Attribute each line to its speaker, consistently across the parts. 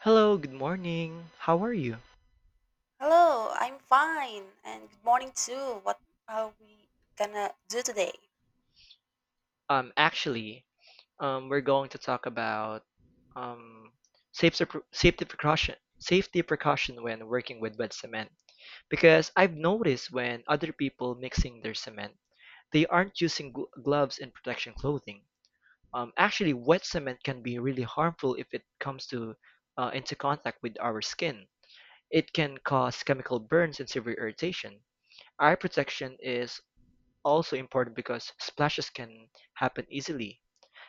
Speaker 1: Hello, good morning. How are you?
Speaker 2: Hello, I'm fine, and good morning too. What are we gonna do today?
Speaker 1: Um, actually, we're going to talk about um, safety precaution when working with wet cement. Because I've noticed when other people mixing their cement, they aren't using gloves and protection clothing. Wet cement can be really harmful if it comes to into contact with our skin. It can cause chemical burns and severe irritation. Eye protection is also important because splashes can happen easily.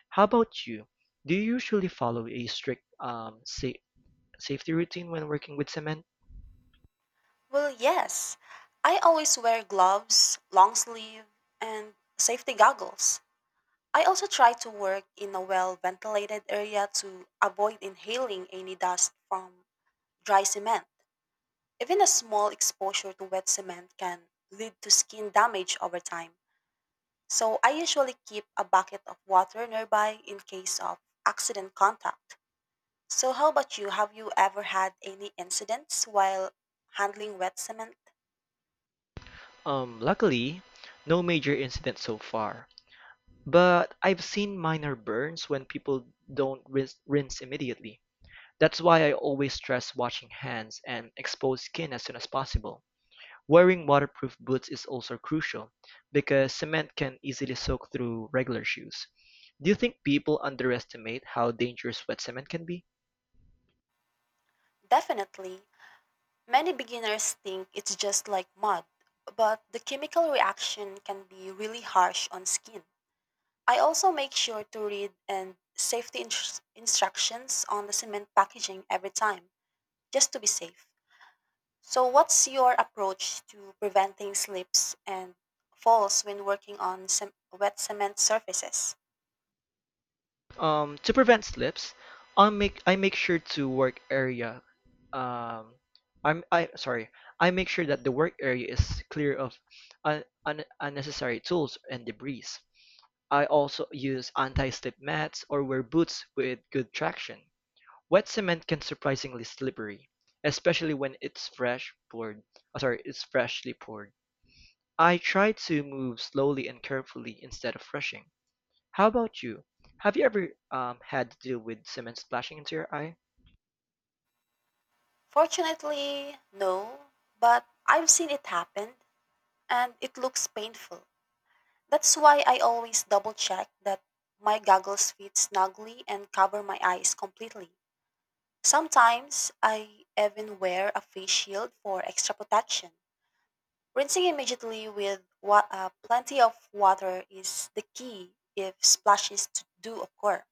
Speaker 1: How about you? Do you usually follow a strict safety routine when working with cement?
Speaker 2: Well, yes, I always wear gloves, long sleeve, and safety goggles. I also try to work in a well ventilated area to avoid inhaling any dust from dry cement. Even a small exposure to wet cement can lead to skin damage over time. So I usually keep a bucket of water nearby in case of accident contact. So, how about you? Have you ever had any incidents while handling wet cement?
Speaker 1: Luckily, no major incidents so far. But I've seen minor burns when people don't rinse immediately. That's why I always stress washing hands and exposed skin as soon as possible. Wearing waterproof boots is also crucial, because cement can easily soak through regular shoes. Do you think people underestimate how dangerous wet cement can be?
Speaker 2: Definitely. Many beginners think it's just like mud, but the chemical reaction can be really harsh on skin. I also make sure to read and safety instructions on the cement packaging every time, just to be safe. So, what's your approach to preventing slips and falls when working on wet cement surfaces?
Speaker 1: To prevent slips, I make sure to work area. Um, I'm I sorry. I make sure that the work area is clear of unnecessary tools and debris. I also use anti-slip mats or wear boots with good traction. Wet cement can surprisingly slippery, especially when it's fresh poured. Sorry, it's freshly poured. I try to move slowly and carefully instead of rushing. How about you? Have you ever had to deal with cement splashing into your eye?
Speaker 2: Fortunately, no, but I've seen it happen and it looks painful. That's why I always double check that my goggles fit snugly and cover my eyes completely. Sometimes I even wear a face shield for extra protection. Rinsing immediately with plenty of water is the key if splashes to do occur.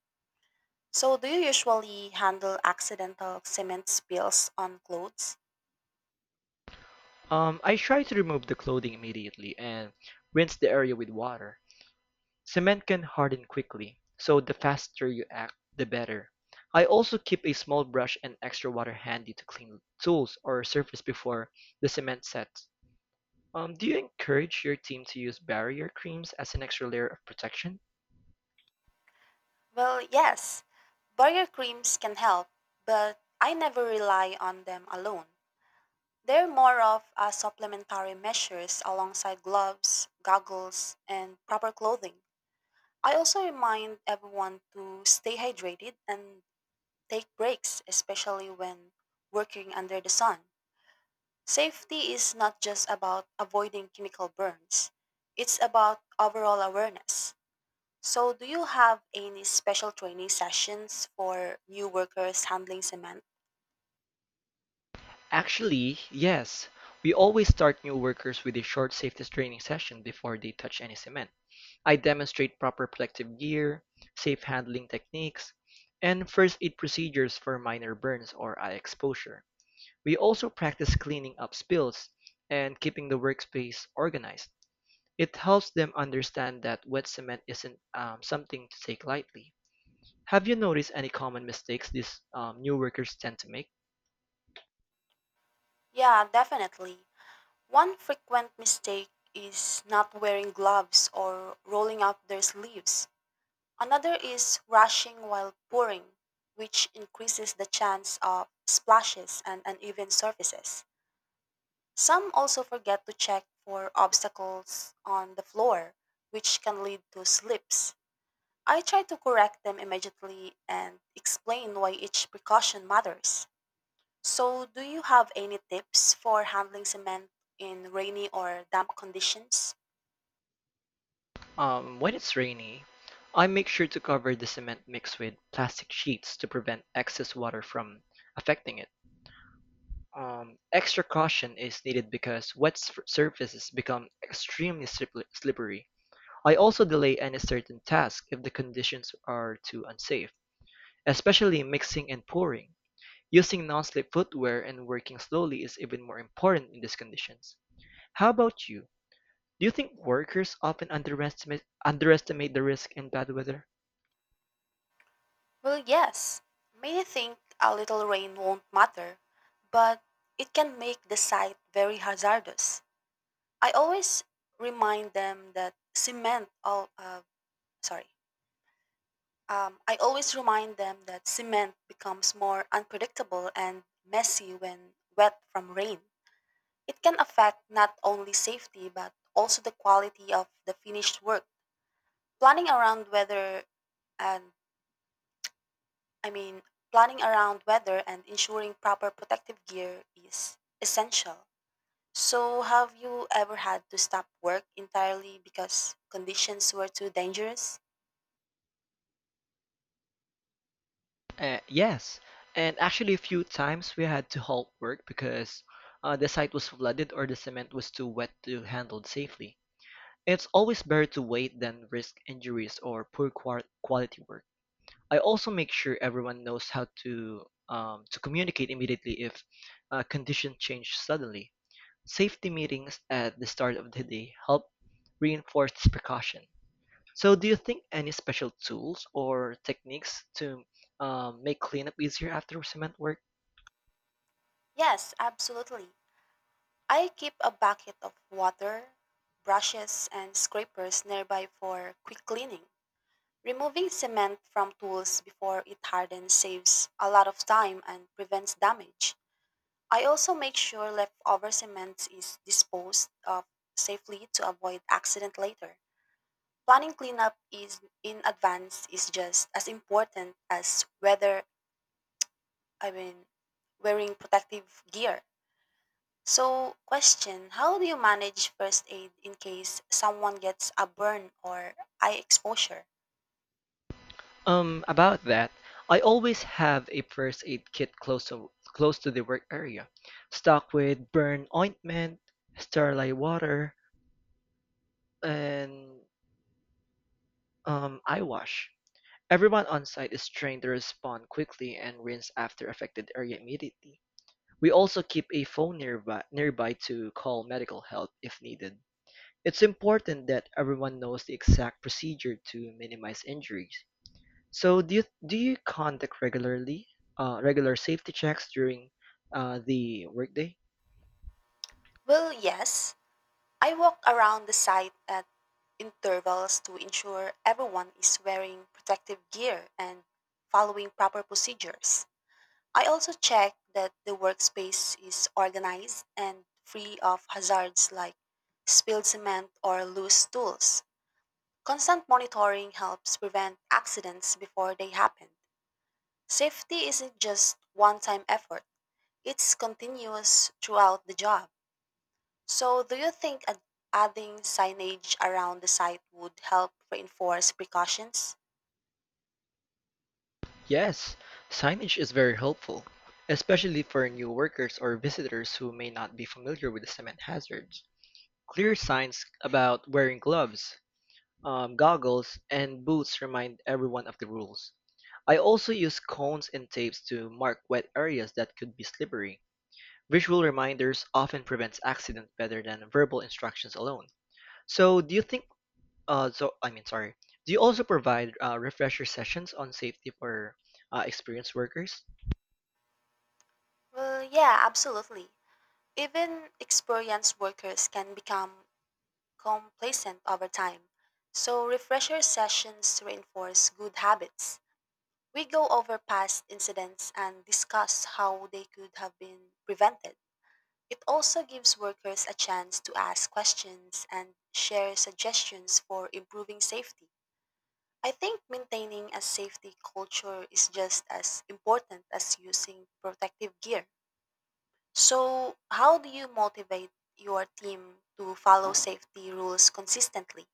Speaker 2: So, do you usually handle accidental cement spills on clothes?
Speaker 1: I try to remove the clothing immediately and rinse the area with water. Cement can harden quickly, so the faster you act, the better. I also keep a small brush and extra water handy to clean tools or surface before the cement sets. Do you encourage your team to use barrier creams as an extra layer of protection?
Speaker 2: Well, yes, barrier creams can help, but I never rely on them alone. They're more of a supplementary measures alongside gloves, goggles, and proper clothing. I also remind everyone to stay hydrated and take breaks, especially when working under the sun. Safety is not just about avoiding chemical burns, it's about overall awareness. So, do you have any special training sessions for new workers handling cement?
Speaker 1: Actually, yes. We always start new workers with a short safety training session before they touch any cement. I demonstrate proper protective gear, safe handling techniques, and first aid procedures for minor burns or eye exposure. We also practice cleaning up spills and keeping the workspace organized. It helps them understand that wet cement isn't something to take lightly. Have you noticed any common mistakes these new workers tend to make?
Speaker 2: Yeah, definitely. One frequent mistake is not wearing gloves or rolling up their sleeves. Another is rushing while pouring, which increases the chance of splashes and uneven surfaces. Some also forget to check for obstacles on the floor, which can lead to slips. I try to correct them immediately and explain why each precaution matters. So, do you have any tips for handling cement in rainy or damp conditions?
Speaker 1: When it's rainy, I make sure to cover the cement mix with plastic sheets to prevent excess water from affecting it. Extra caution is needed because wet surfaces become extremely slippery. I also delay any certain task if the conditions are too unsafe, especially mixing and pouring. Using non-slip footwear and working slowly is even more important in these conditions. How about you? Do you think workers often underestimate the risk in bad weather?
Speaker 2: Well, yes. Many think a little rain won't matter, but it can make the site very hazardous. I always remind them that cement all sorry. I always remind them that cement becomes more unpredictable and messy when wet from rain. It can affect not only safety but also the quality of the finished work. Planning around weather and I mean Planning around weather and ensuring proper protective gear is essential. So have you ever had to stop work entirely because conditions were too dangerous?
Speaker 1: Yes, and actually a few times we had to halt work because the site was flooded or the cement was too wet to handle safely. It's always better to wait than risk injuries or poor quality work. I also make sure everyone knows how to communicate immediately if conditions change suddenly. Safety meetings at the start of the day help reinforce this precaution. So, do you think any special tools or techniques to make cleanup easier after cement work?
Speaker 2: Yes, absolutely. I keep a bucket of water, brushes and scrapers nearby for quick cleaning. Removing cement from tools before it hardens saves a lot of time and prevents damage. I also make sure leftover cement is disposed of safely to avoid accident later. Planning cleanup is in advance is just as important as whether I mean wearing protective gear. So, question, how do you manage first aid in case someone gets a burn or eye exposure?
Speaker 1: About that, I always have a first aid kit close to the work area, stocked with burn ointment, sterilized water, and eye wash. Everyone on site is trained to respond quickly and rinse after affected area immediately. We also keep a phone nearby to call medical help if needed. It's important that everyone knows the exact procedure to minimize injuries. So, do you conduct regularly regular safety checks during the workday?
Speaker 2: Well, yes, I walk around the site at intervals to ensure everyone is wearing protective gear and following proper procedures. I also check that the workspace is organized and free of hazards like spilled cement or loose tools. Constant monitoring helps prevent accidents before they happen. Safety isn't just one time effort, it's continuous throughout the job. So, do you think adding signage around the site would help reinforce precautions?
Speaker 1: Yes, signage is very helpful, especially for new workers or visitors who may not be familiar with the cement hazards. Clear signs about wearing gloves, goggles, and boots remind everyone of the rules. I also use cones and tapes to mark wet areas that could be slippery. Visual reminders often prevents accident better than verbal instructions alone. So, do you think? So I mean, sorry. Do you also provide refresher sessions on safety for experienced workers?
Speaker 2: Well, yeah, absolutely. Even experienced workers can become complacent over time. So, refresher sessions reinforce good habits. We go over past incidents and discuss how they could have been prevented. It also gives workers a chance to ask questions and share suggestions for improving safety. I think maintaining a safety culture is just as important as using protective gear. So, how do you motivate your team to follow safety rules consistently?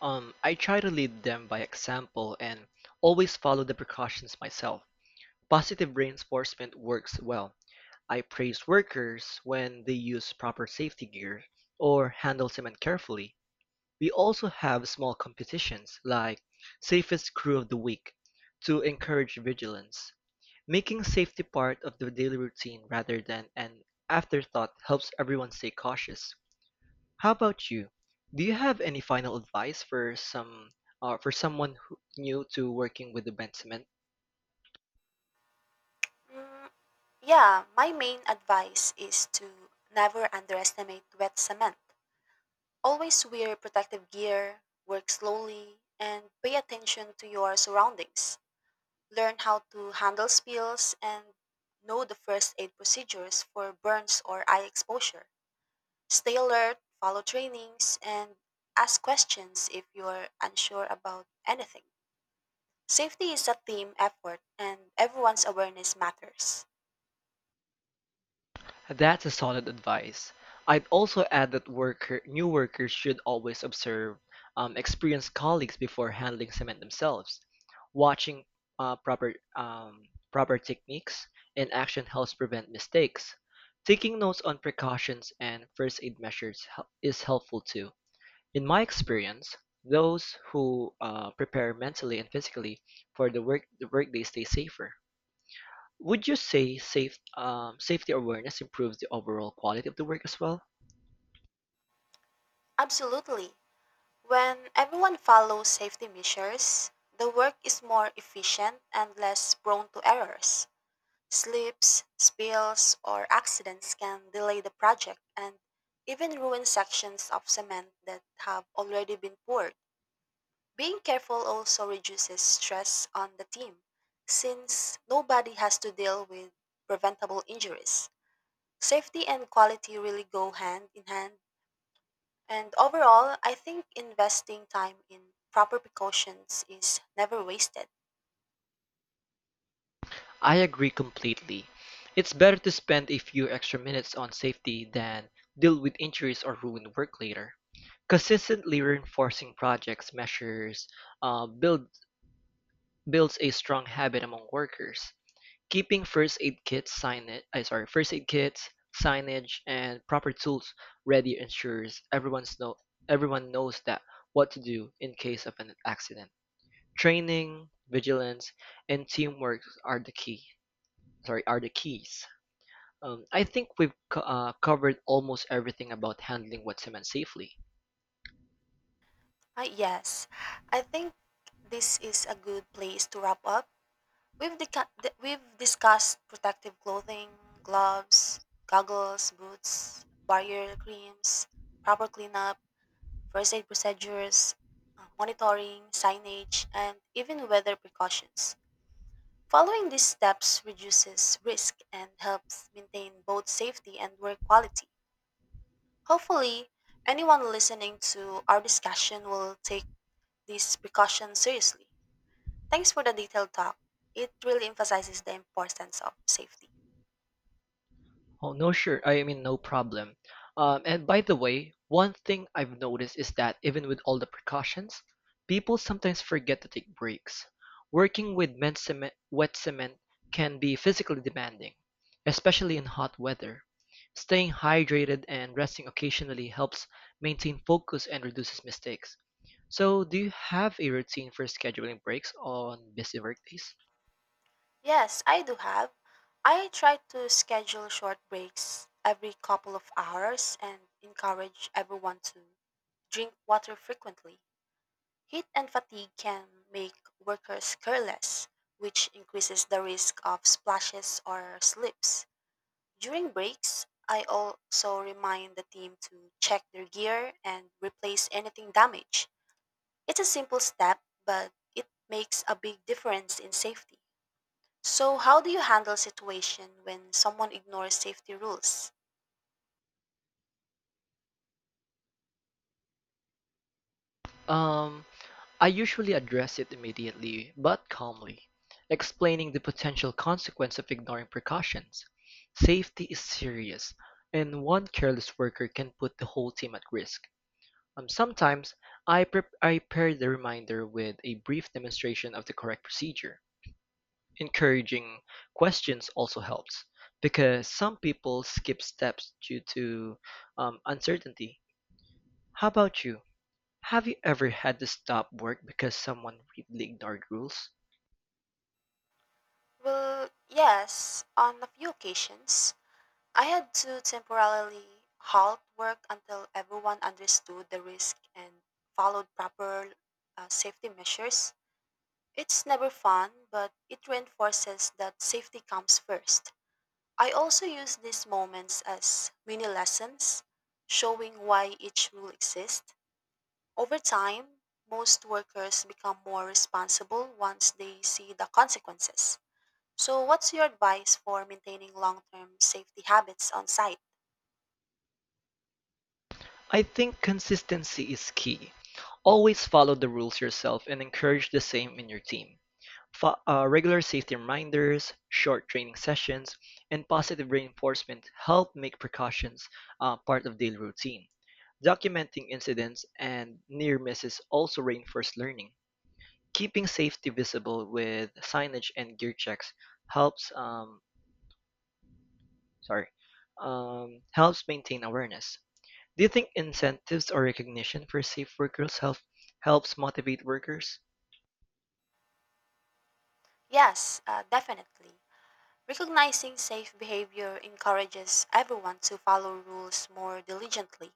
Speaker 1: I try to lead them by example and always follow the precautions myself. Positive reinforcement works well. I praise workers when they use proper safety gear or handle cement carefully. We also have small competitions like Safest Crew of the Week to encourage vigilance. Making safety part of the daily routine rather than an afterthought helps everyone stay cautious. How about you? Do you have any final advice for some for someone who, new to working with the bent cement?
Speaker 2: Mm, yeah, my main advice is to never underestimate wet cement. Always wear protective gear, work slowly, and pay attention to your surroundings. Learn how to handle spills and know the first aid procedures for burns or eye exposure. Stay alert, follow trainings, and ask questions if you're unsure about anything. Safety is a team effort, and everyone's awareness matters.
Speaker 1: That's a solid advice. I'd also add that new workers should always observe experienced colleagues before handling cement themselves. Watching uh, proper um, proper techniques in action helps prevent mistakes. Taking notes on precautions and first aid measures is helpful too. In my experience, those who prepare mentally and physically for the workday stay safer. Would you say safety awareness improves the overall quality of the work as well?
Speaker 2: Absolutely. When everyone follows safety measures, the work is more efficient and less prone to errors. Slips, spills, or accidents can delay the project and even ruin sections of cement that have already been poured. Being careful also reduces stress on the team, since nobody has to deal with preventable injuries. Safety and quality really go hand in hand, and overall, I think investing time in proper precautions is never wasted.
Speaker 1: I agree completely. It's better to spend a few extra minutes on safety than deal with injuries or ruined work later. Consistently reinforcing projects measures uh, build, builds a strong habit among workers. Keeping first aid kits, signage, and proper tools ready ensures everyone knows that what to do in case of an accident. Training, vigilance, and teamwork are the key. Sorry, are the keys. I think we've covered almost everything about handling wet cement safely.
Speaker 2: Yes, I think this is a good place to wrap up. We've discussed protective clothing, gloves, goggles, boots, barrier creams, proper cleanup first aid procedures, monitoring, signage, and even weather precautions. Following these steps reduces risk and helps maintain both safety and work quality. Hopefully, anyone listening to our discussion will take these precautions seriously. Thanks for the detailed talk. It really emphasizes the importance of safety.
Speaker 1: Oh, no, sure. I mean, no problem. And by the way, one thing I've noticed is that even with all the precautions, people sometimes forget to take breaks. Working with wet cement can be physically demanding, especially in hot weather. Staying hydrated and resting occasionally helps maintain focus and reduces mistakes. So, do you have a routine for scheduling breaks on busy workdays?
Speaker 2: Yes, I do have. I try to schedule short breaks every couple of hours and encourage everyone to drink water frequently. Heat and fatigue can make workers careless, which increases the risk of splashes or slips. During breaks, I also remind the team to check their gear and replace anything damaged. It's a simple step, but it makes a big difference in safety. So, how do you handle situation when someone ignores safety rules?
Speaker 1: Um, I usually address it immediately but calmly, explaining the potential consequence of ignoring precautions. Safety is serious, and one careless worker can put the whole team at risk. Sometimes I pair the reminder with a brief demonstration of the correct procedure. Encouraging questions also helps because some people skip steps due to uncertainty. How about you? Have you ever had to stop work because someone really ignored rules?
Speaker 2: Well, yes, on a few occasions, I had to temporarily halt work until everyone understood the risk and followed proper safety measures. It's never fun, but it reinforces that safety comes first. I also use these moments as mini lessons, showing why each rule exists. Over time, most workers become more responsible once they see the consequences. So, what's your advice for maintaining long term safety habits on site?
Speaker 1: I think consistency is key. Always follow the rules yourself and encourage the same in your team. Regular safety reminders, short training sessions, and positive reinforcement help make precautions part of daily routine. Documenting incidents and near misses also reinforce learning. Keeping safety visible with signage and gear checks helps um, sorry, helps maintain awareness. Do you think incentives or recognition for safe workers helps motivate workers?
Speaker 2: Yes, definitely. Recognizing safe behavior encourages everyone to follow rules more diligently.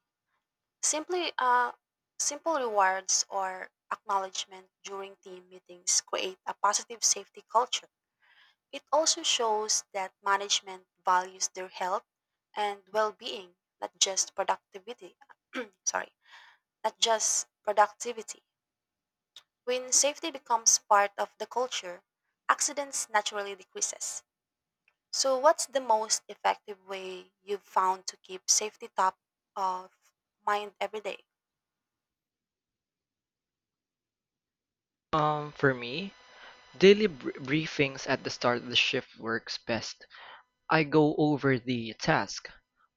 Speaker 2: Simply, uh, simple rewards or acknowledgement during team meetings create a positive safety culture. It also shows that management values their health and well-being, not just productivity. sorry, not just productivity. When safety becomes part of the culture, accidents naturally decreases. So, what's the most effective way you've found to keep safety top of mind every day?
Speaker 1: For me, daily briefings at the start of the shift works best. I go over the task,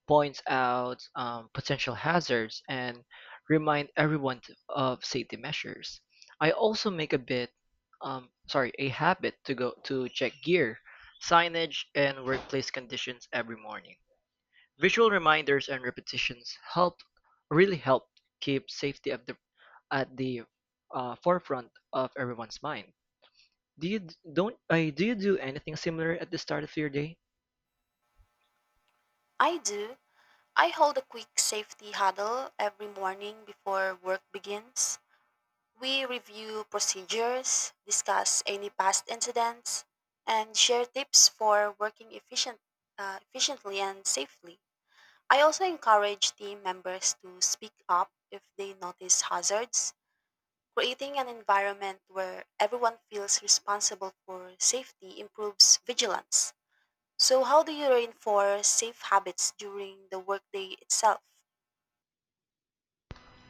Speaker 1: points out potential hazards, and remind everyone of safety measures. I also make a habit to go to check gear, signage, and workplace conditions every morning. Visual reminders and repetitions really help keep safety at the forefront of everyone's mind. Do you d- don't do you do anything similar at the start of your day?
Speaker 2: I do. I hold a quick safety huddle every morning before work begins. We review procedures, discuss any past incidents, and share tips for efficiently and safely. I also encourage team members to speak up if they notice hazards. Creating an environment where everyone feels responsible for safety improves vigilance. So, how do you reinforce safe habits during the workday itself?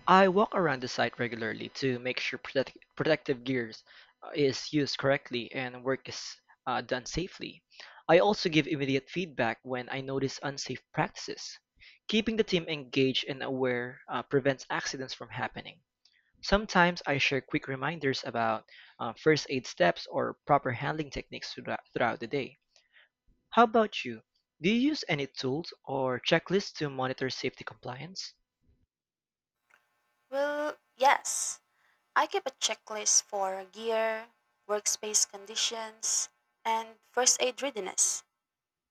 Speaker 1: I walk around the site regularly to make sure protective gears is used correctly and work is done safely. I also give immediate feedback when I notice unsafe practices. Keeping the team engaged and aware prevents accidents from happening. Sometimes I share quick reminders about first aid steps or proper handling techniques throughout the day. How about you? Do you use any tools or checklists to monitor safety compliance?
Speaker 2: Well, yes, I keep a checklist for gear, workspace conditions, and first aid readiness.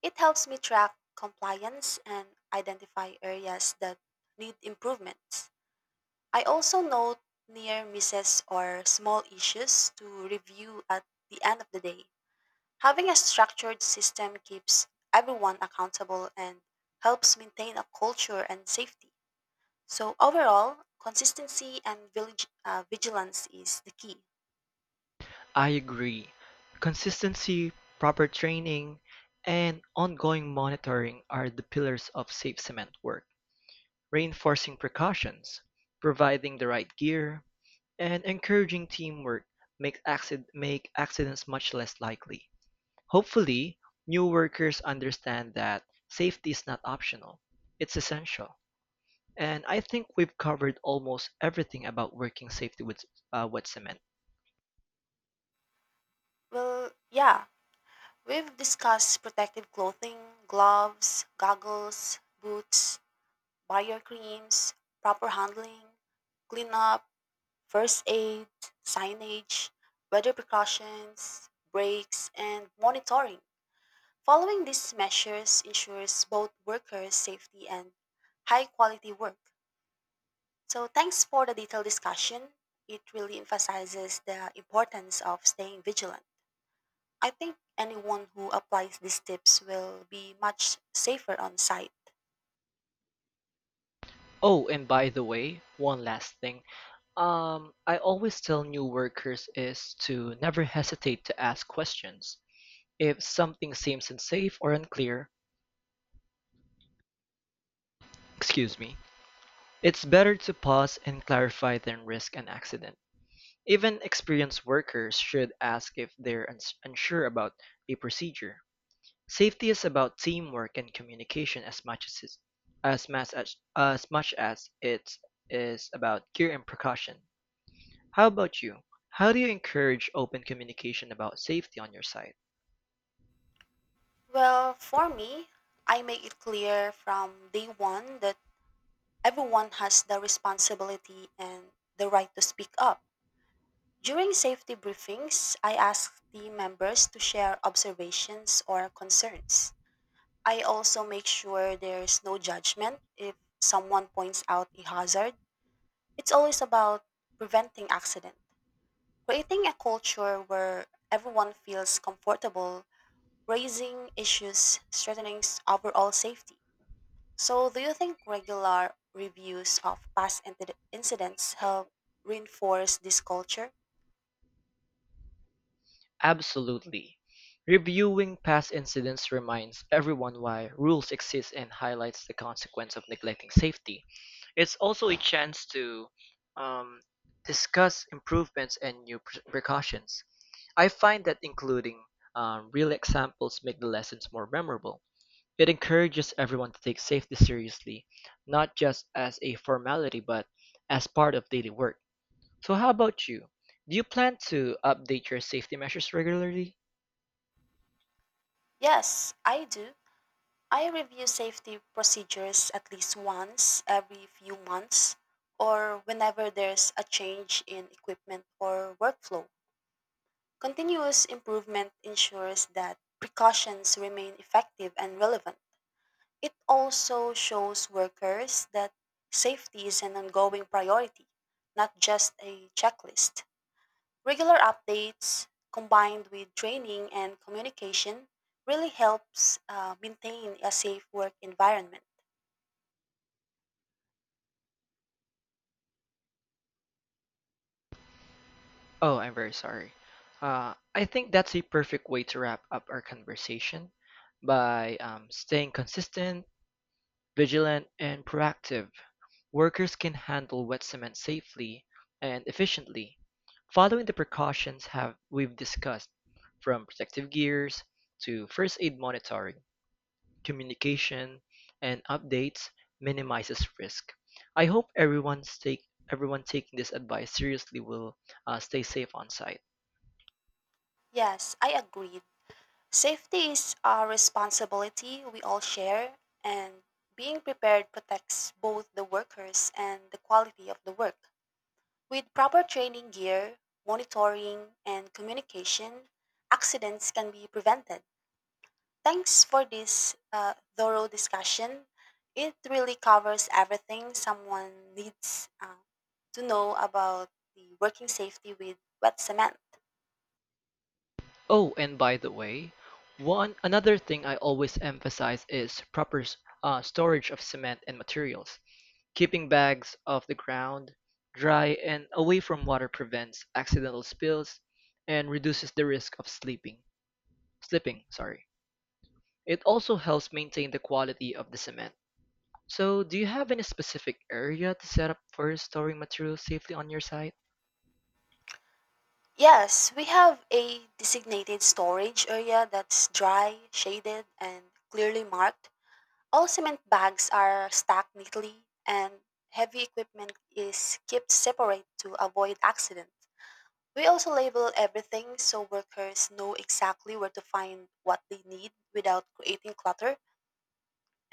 Speaker 2: It helps me track compliance and identify areas that need improvements. I also note near misses or small issues to review at the end of the day. Having a structured system keeps everyone accountable and helps maintain a culture and safety. So, overall, vigilance is the key.
Speaker 1: I agree. Consistency, proper training, and ongoing monitoring are the pillars of safe cement work, reinforcing precautions, providing the right gear, and encouraging teamwork make accidents much less likely. Hopefully, new workers understand that safety is not optional, it's essential. And I think we've covered almost everything about working safely with wet cement.
Speaker 2: Well, yeah, we've discussed protective clothing, gloves, goggles, boots, barrier creams, proper handling, cleanup first aid, signage, weather precautions, breaks, and monitoring. Following these measures ensures both workers' safety and high quality work. So, thanks for the detailed discussion. It really emphasizes the importance of staying vigilant. I think anyone who applies these tips will be much safer on site.
Speaker 1: Oh, and by the way, one last thing. I always tell new workers is to never hesitate to ask questions. If something seems unsafe or unclear, excuse me, it's better to pause and clarify than risk an accident. Even experienced workers should ask if they're unsure about a procedure. Safety is about teamwork and communication as much as it is about gear and precaution. How about you? How do you encourage open communication about safety on your site?
Speaker 2: Well, for me, I make it clear from day one that everyone has the responsibility and the right to speak up. During safety briefings, I ask team members to share observations or concerns. I also make sure there's no judgment if someone points out a hazard. It's always about preventing accident. Creating a culture where everyone feels comfortable raising issues, overall safety. So, do you think regular reviews of past incidents help reinforce this culture?
Speaker 1: Absolutely. Reviewing past incidents reminds everyone why rules exist and highlights the consequence of neglecting safety. It's also a chance to um, discuss improvements and precautions. I find that including real examples make the lessons more memorable. It encourages everyone to take safety seriously, not just as a formality but as part of daily work. So, how about you? Do you plan to update your safety measures regularly?
Speaker 2: Yes, I do. I review safety procedures at least once every few months or whenever there's a change in equipment or workflow. Continuous improvement ensures that precautions remain effective and relevant. It also shows workers that safety is an ongoing priority, not just a checklist. Regular updates combined with training and communication really helps maintain a safe work environment.
Speaker 1: Oh, I'm very sorry. I think that's a perfect way to wrap up our conversation by staying consistent, vigilant, and proactive. Workers can handle wet cement safely and efficiently, following the precautions have we've discussed, from protective gears to first aid monitoring communication, and updates minimizes risk. I hope everyone taking this advice seriously will stay safe on site.
Speaker 2: Yes, I agree. Safety is a responsibility we all share, and being prepared protects both the workers and the quality of the work. With proper training gear, monitoring, and communication, accidents can be prevented. Thanks for this thorough discussion. It really covers everything someone needs to know about the working safety with wet cement.
Speaker 1: Oh, and by the way, one another thing I always emphasize is proper storage of cement and materials. Keeping bags off the ground, dry, and away from water prevents accidental spills and reduces the risk of sleeping. Slipping, sorry. It also helps maintain the quality of the cement. So, do you have any specific area to set up for storing materials safely on your site?
Speaker 2: Yes, we have a designated storage area that's dry, shaded, and clearly marked. All cement bags are stacked neatly, and heavy equipment is kept separate to avoid accidents. We also label everything so workers know exactly where to find what they need without creating clutter.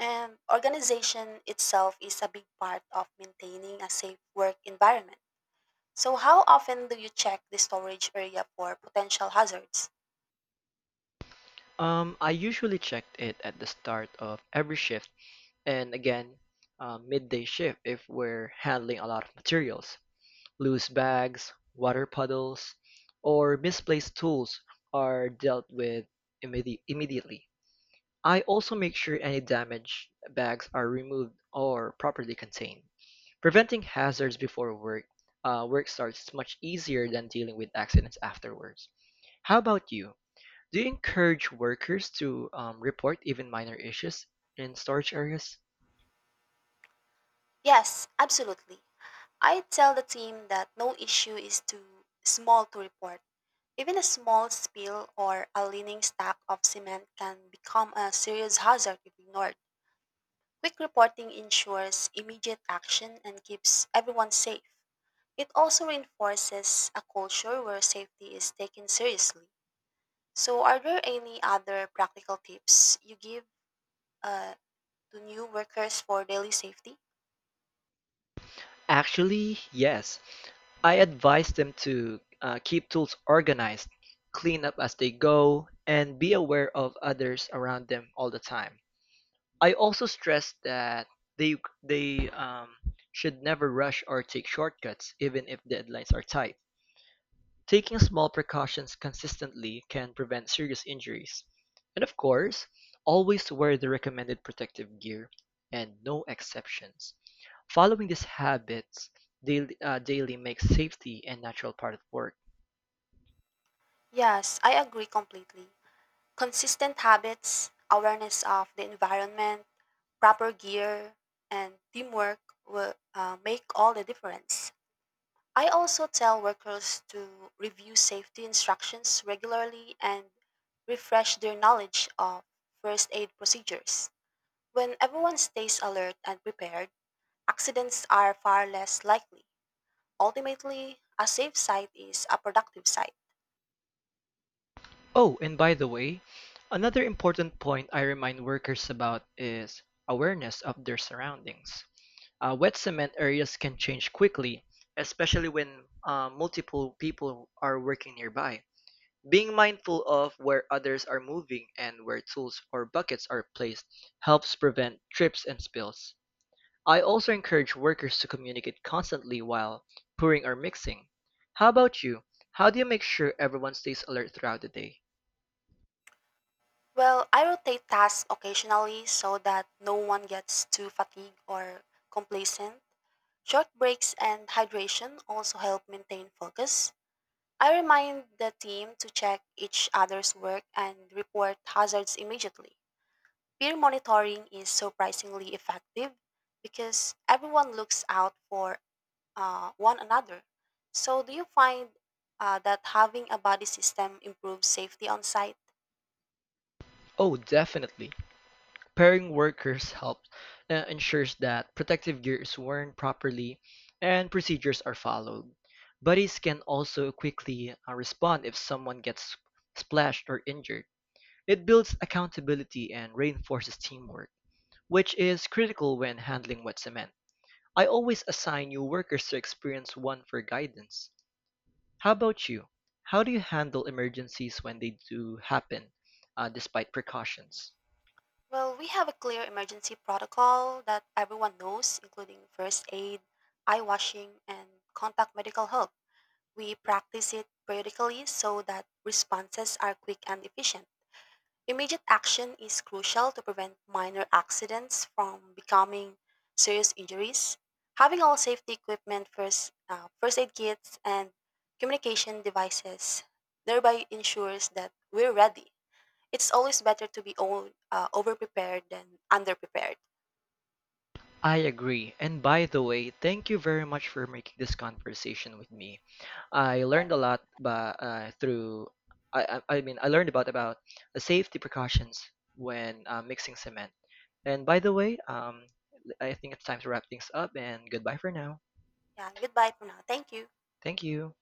Speaker 2: And organization itself is a big part of maintaining a safe work environment. So, how often do you check the storage area for potential hazards?
Speaker 1: I usually checked it at the start of every shift and again midday shift if we're handling a lot of materials. Loose bags, water puddles, or misplaced tools are dealt with immediately. I also make sure any damaged bags are removed or properly contained. Preventing hazards before work starts is much easier than dealing with accidents afterwards. How about you? Do you encourage workers to report even minor issues in storage areas?
Speaker 2: Yes, absolutely. I tell the team that no issue is too small to report. Even a small spill or a leaning stack of cement can become a serious hazard if ignored. Quick reporting ensures immediate action and keeps everyone safe. It also reinforces a culture where safety is taken seriously. So, are there any other practical tips you give uh, to new workers for daily safety?
Speaker 1: Actually, yes. I advise them to keep tools organized, clean up as they go, and be aware of others around them all the time. I also stress that they they should never rush or take shortcuts, even if deadlines are tight. Taking small precautions consistently can prevent serious injuries. And of course, always wear the recommended protective gear and no exceptions. Following these habits daily makes safety a natural part of work.
Speaker 2: Yes, I agree completely. Consistent habits, awareness of the environment, proper gear, and teamwork will make all the difference. I also tell workers to review safety instructions regularly and refresh their knowledge of first aid procedures. When everyone stays alert and prepared, accidents are far less likely. Ultimately, a safe site is a productive site.
Speaker 1: Oh, and by the way, another important point I remind workers about is awareness of their surroundings. Wet cement areas can change quickly, especially when multiple people are working nearby. Being mindful of where others are moving and where tools or buckets are placed helps prevent trips and spills. I also encourage workers to communicate constantly while pouring or mixing. How about you? How do you make sure everyone stays alert throughout the day?
Speaker 2: Well, I rotate tasks occasionally so that no one gets too fatigued or complacent. Short breaks and hydration also help maintain focus. I remind the team to check each other's work and report hazards immediately. Peer monitoring is surprisingly effective because everyone looks out for one another. So, do you find that having a buddy system improves safety on site?
Speaker 1: Oh, definitely. Pairing workers helps ensures that protective gear is worn properly and procedures are followed. Buddies can also quickly respond if someone gets splashed or injured. It builds accountability and reinforces teamwork, which is critical when handling wet cement. I always assign new workers to experience one for guidance. How about you? How do you handle emergencies when they do happen, despite precautions?
Speaker 2: Well, we have a clear emergency protocol that everyone knows, including first aid, eye washing, and contact medical help. We practice it periodically so that responses are quick and efficient. Immediate action is crucial to prevent minor accidents from becoming serious injuries. Having all safety equipment, first aid kits, and communication devices thereby ensures that we're ready. It's always better to be over prepared than under prepared.
Speaker 1: I agree. And by the way, thank you very much for making this conversation with me. I learned a lot by, through, I mean, I learned about the safety precautions when mixing cement. And by the way, I think it's time to wrap things up and goodbye for now.
Speaker 2: Yeah, goodbye for now. Thank you.
Speaker 1: Thank you.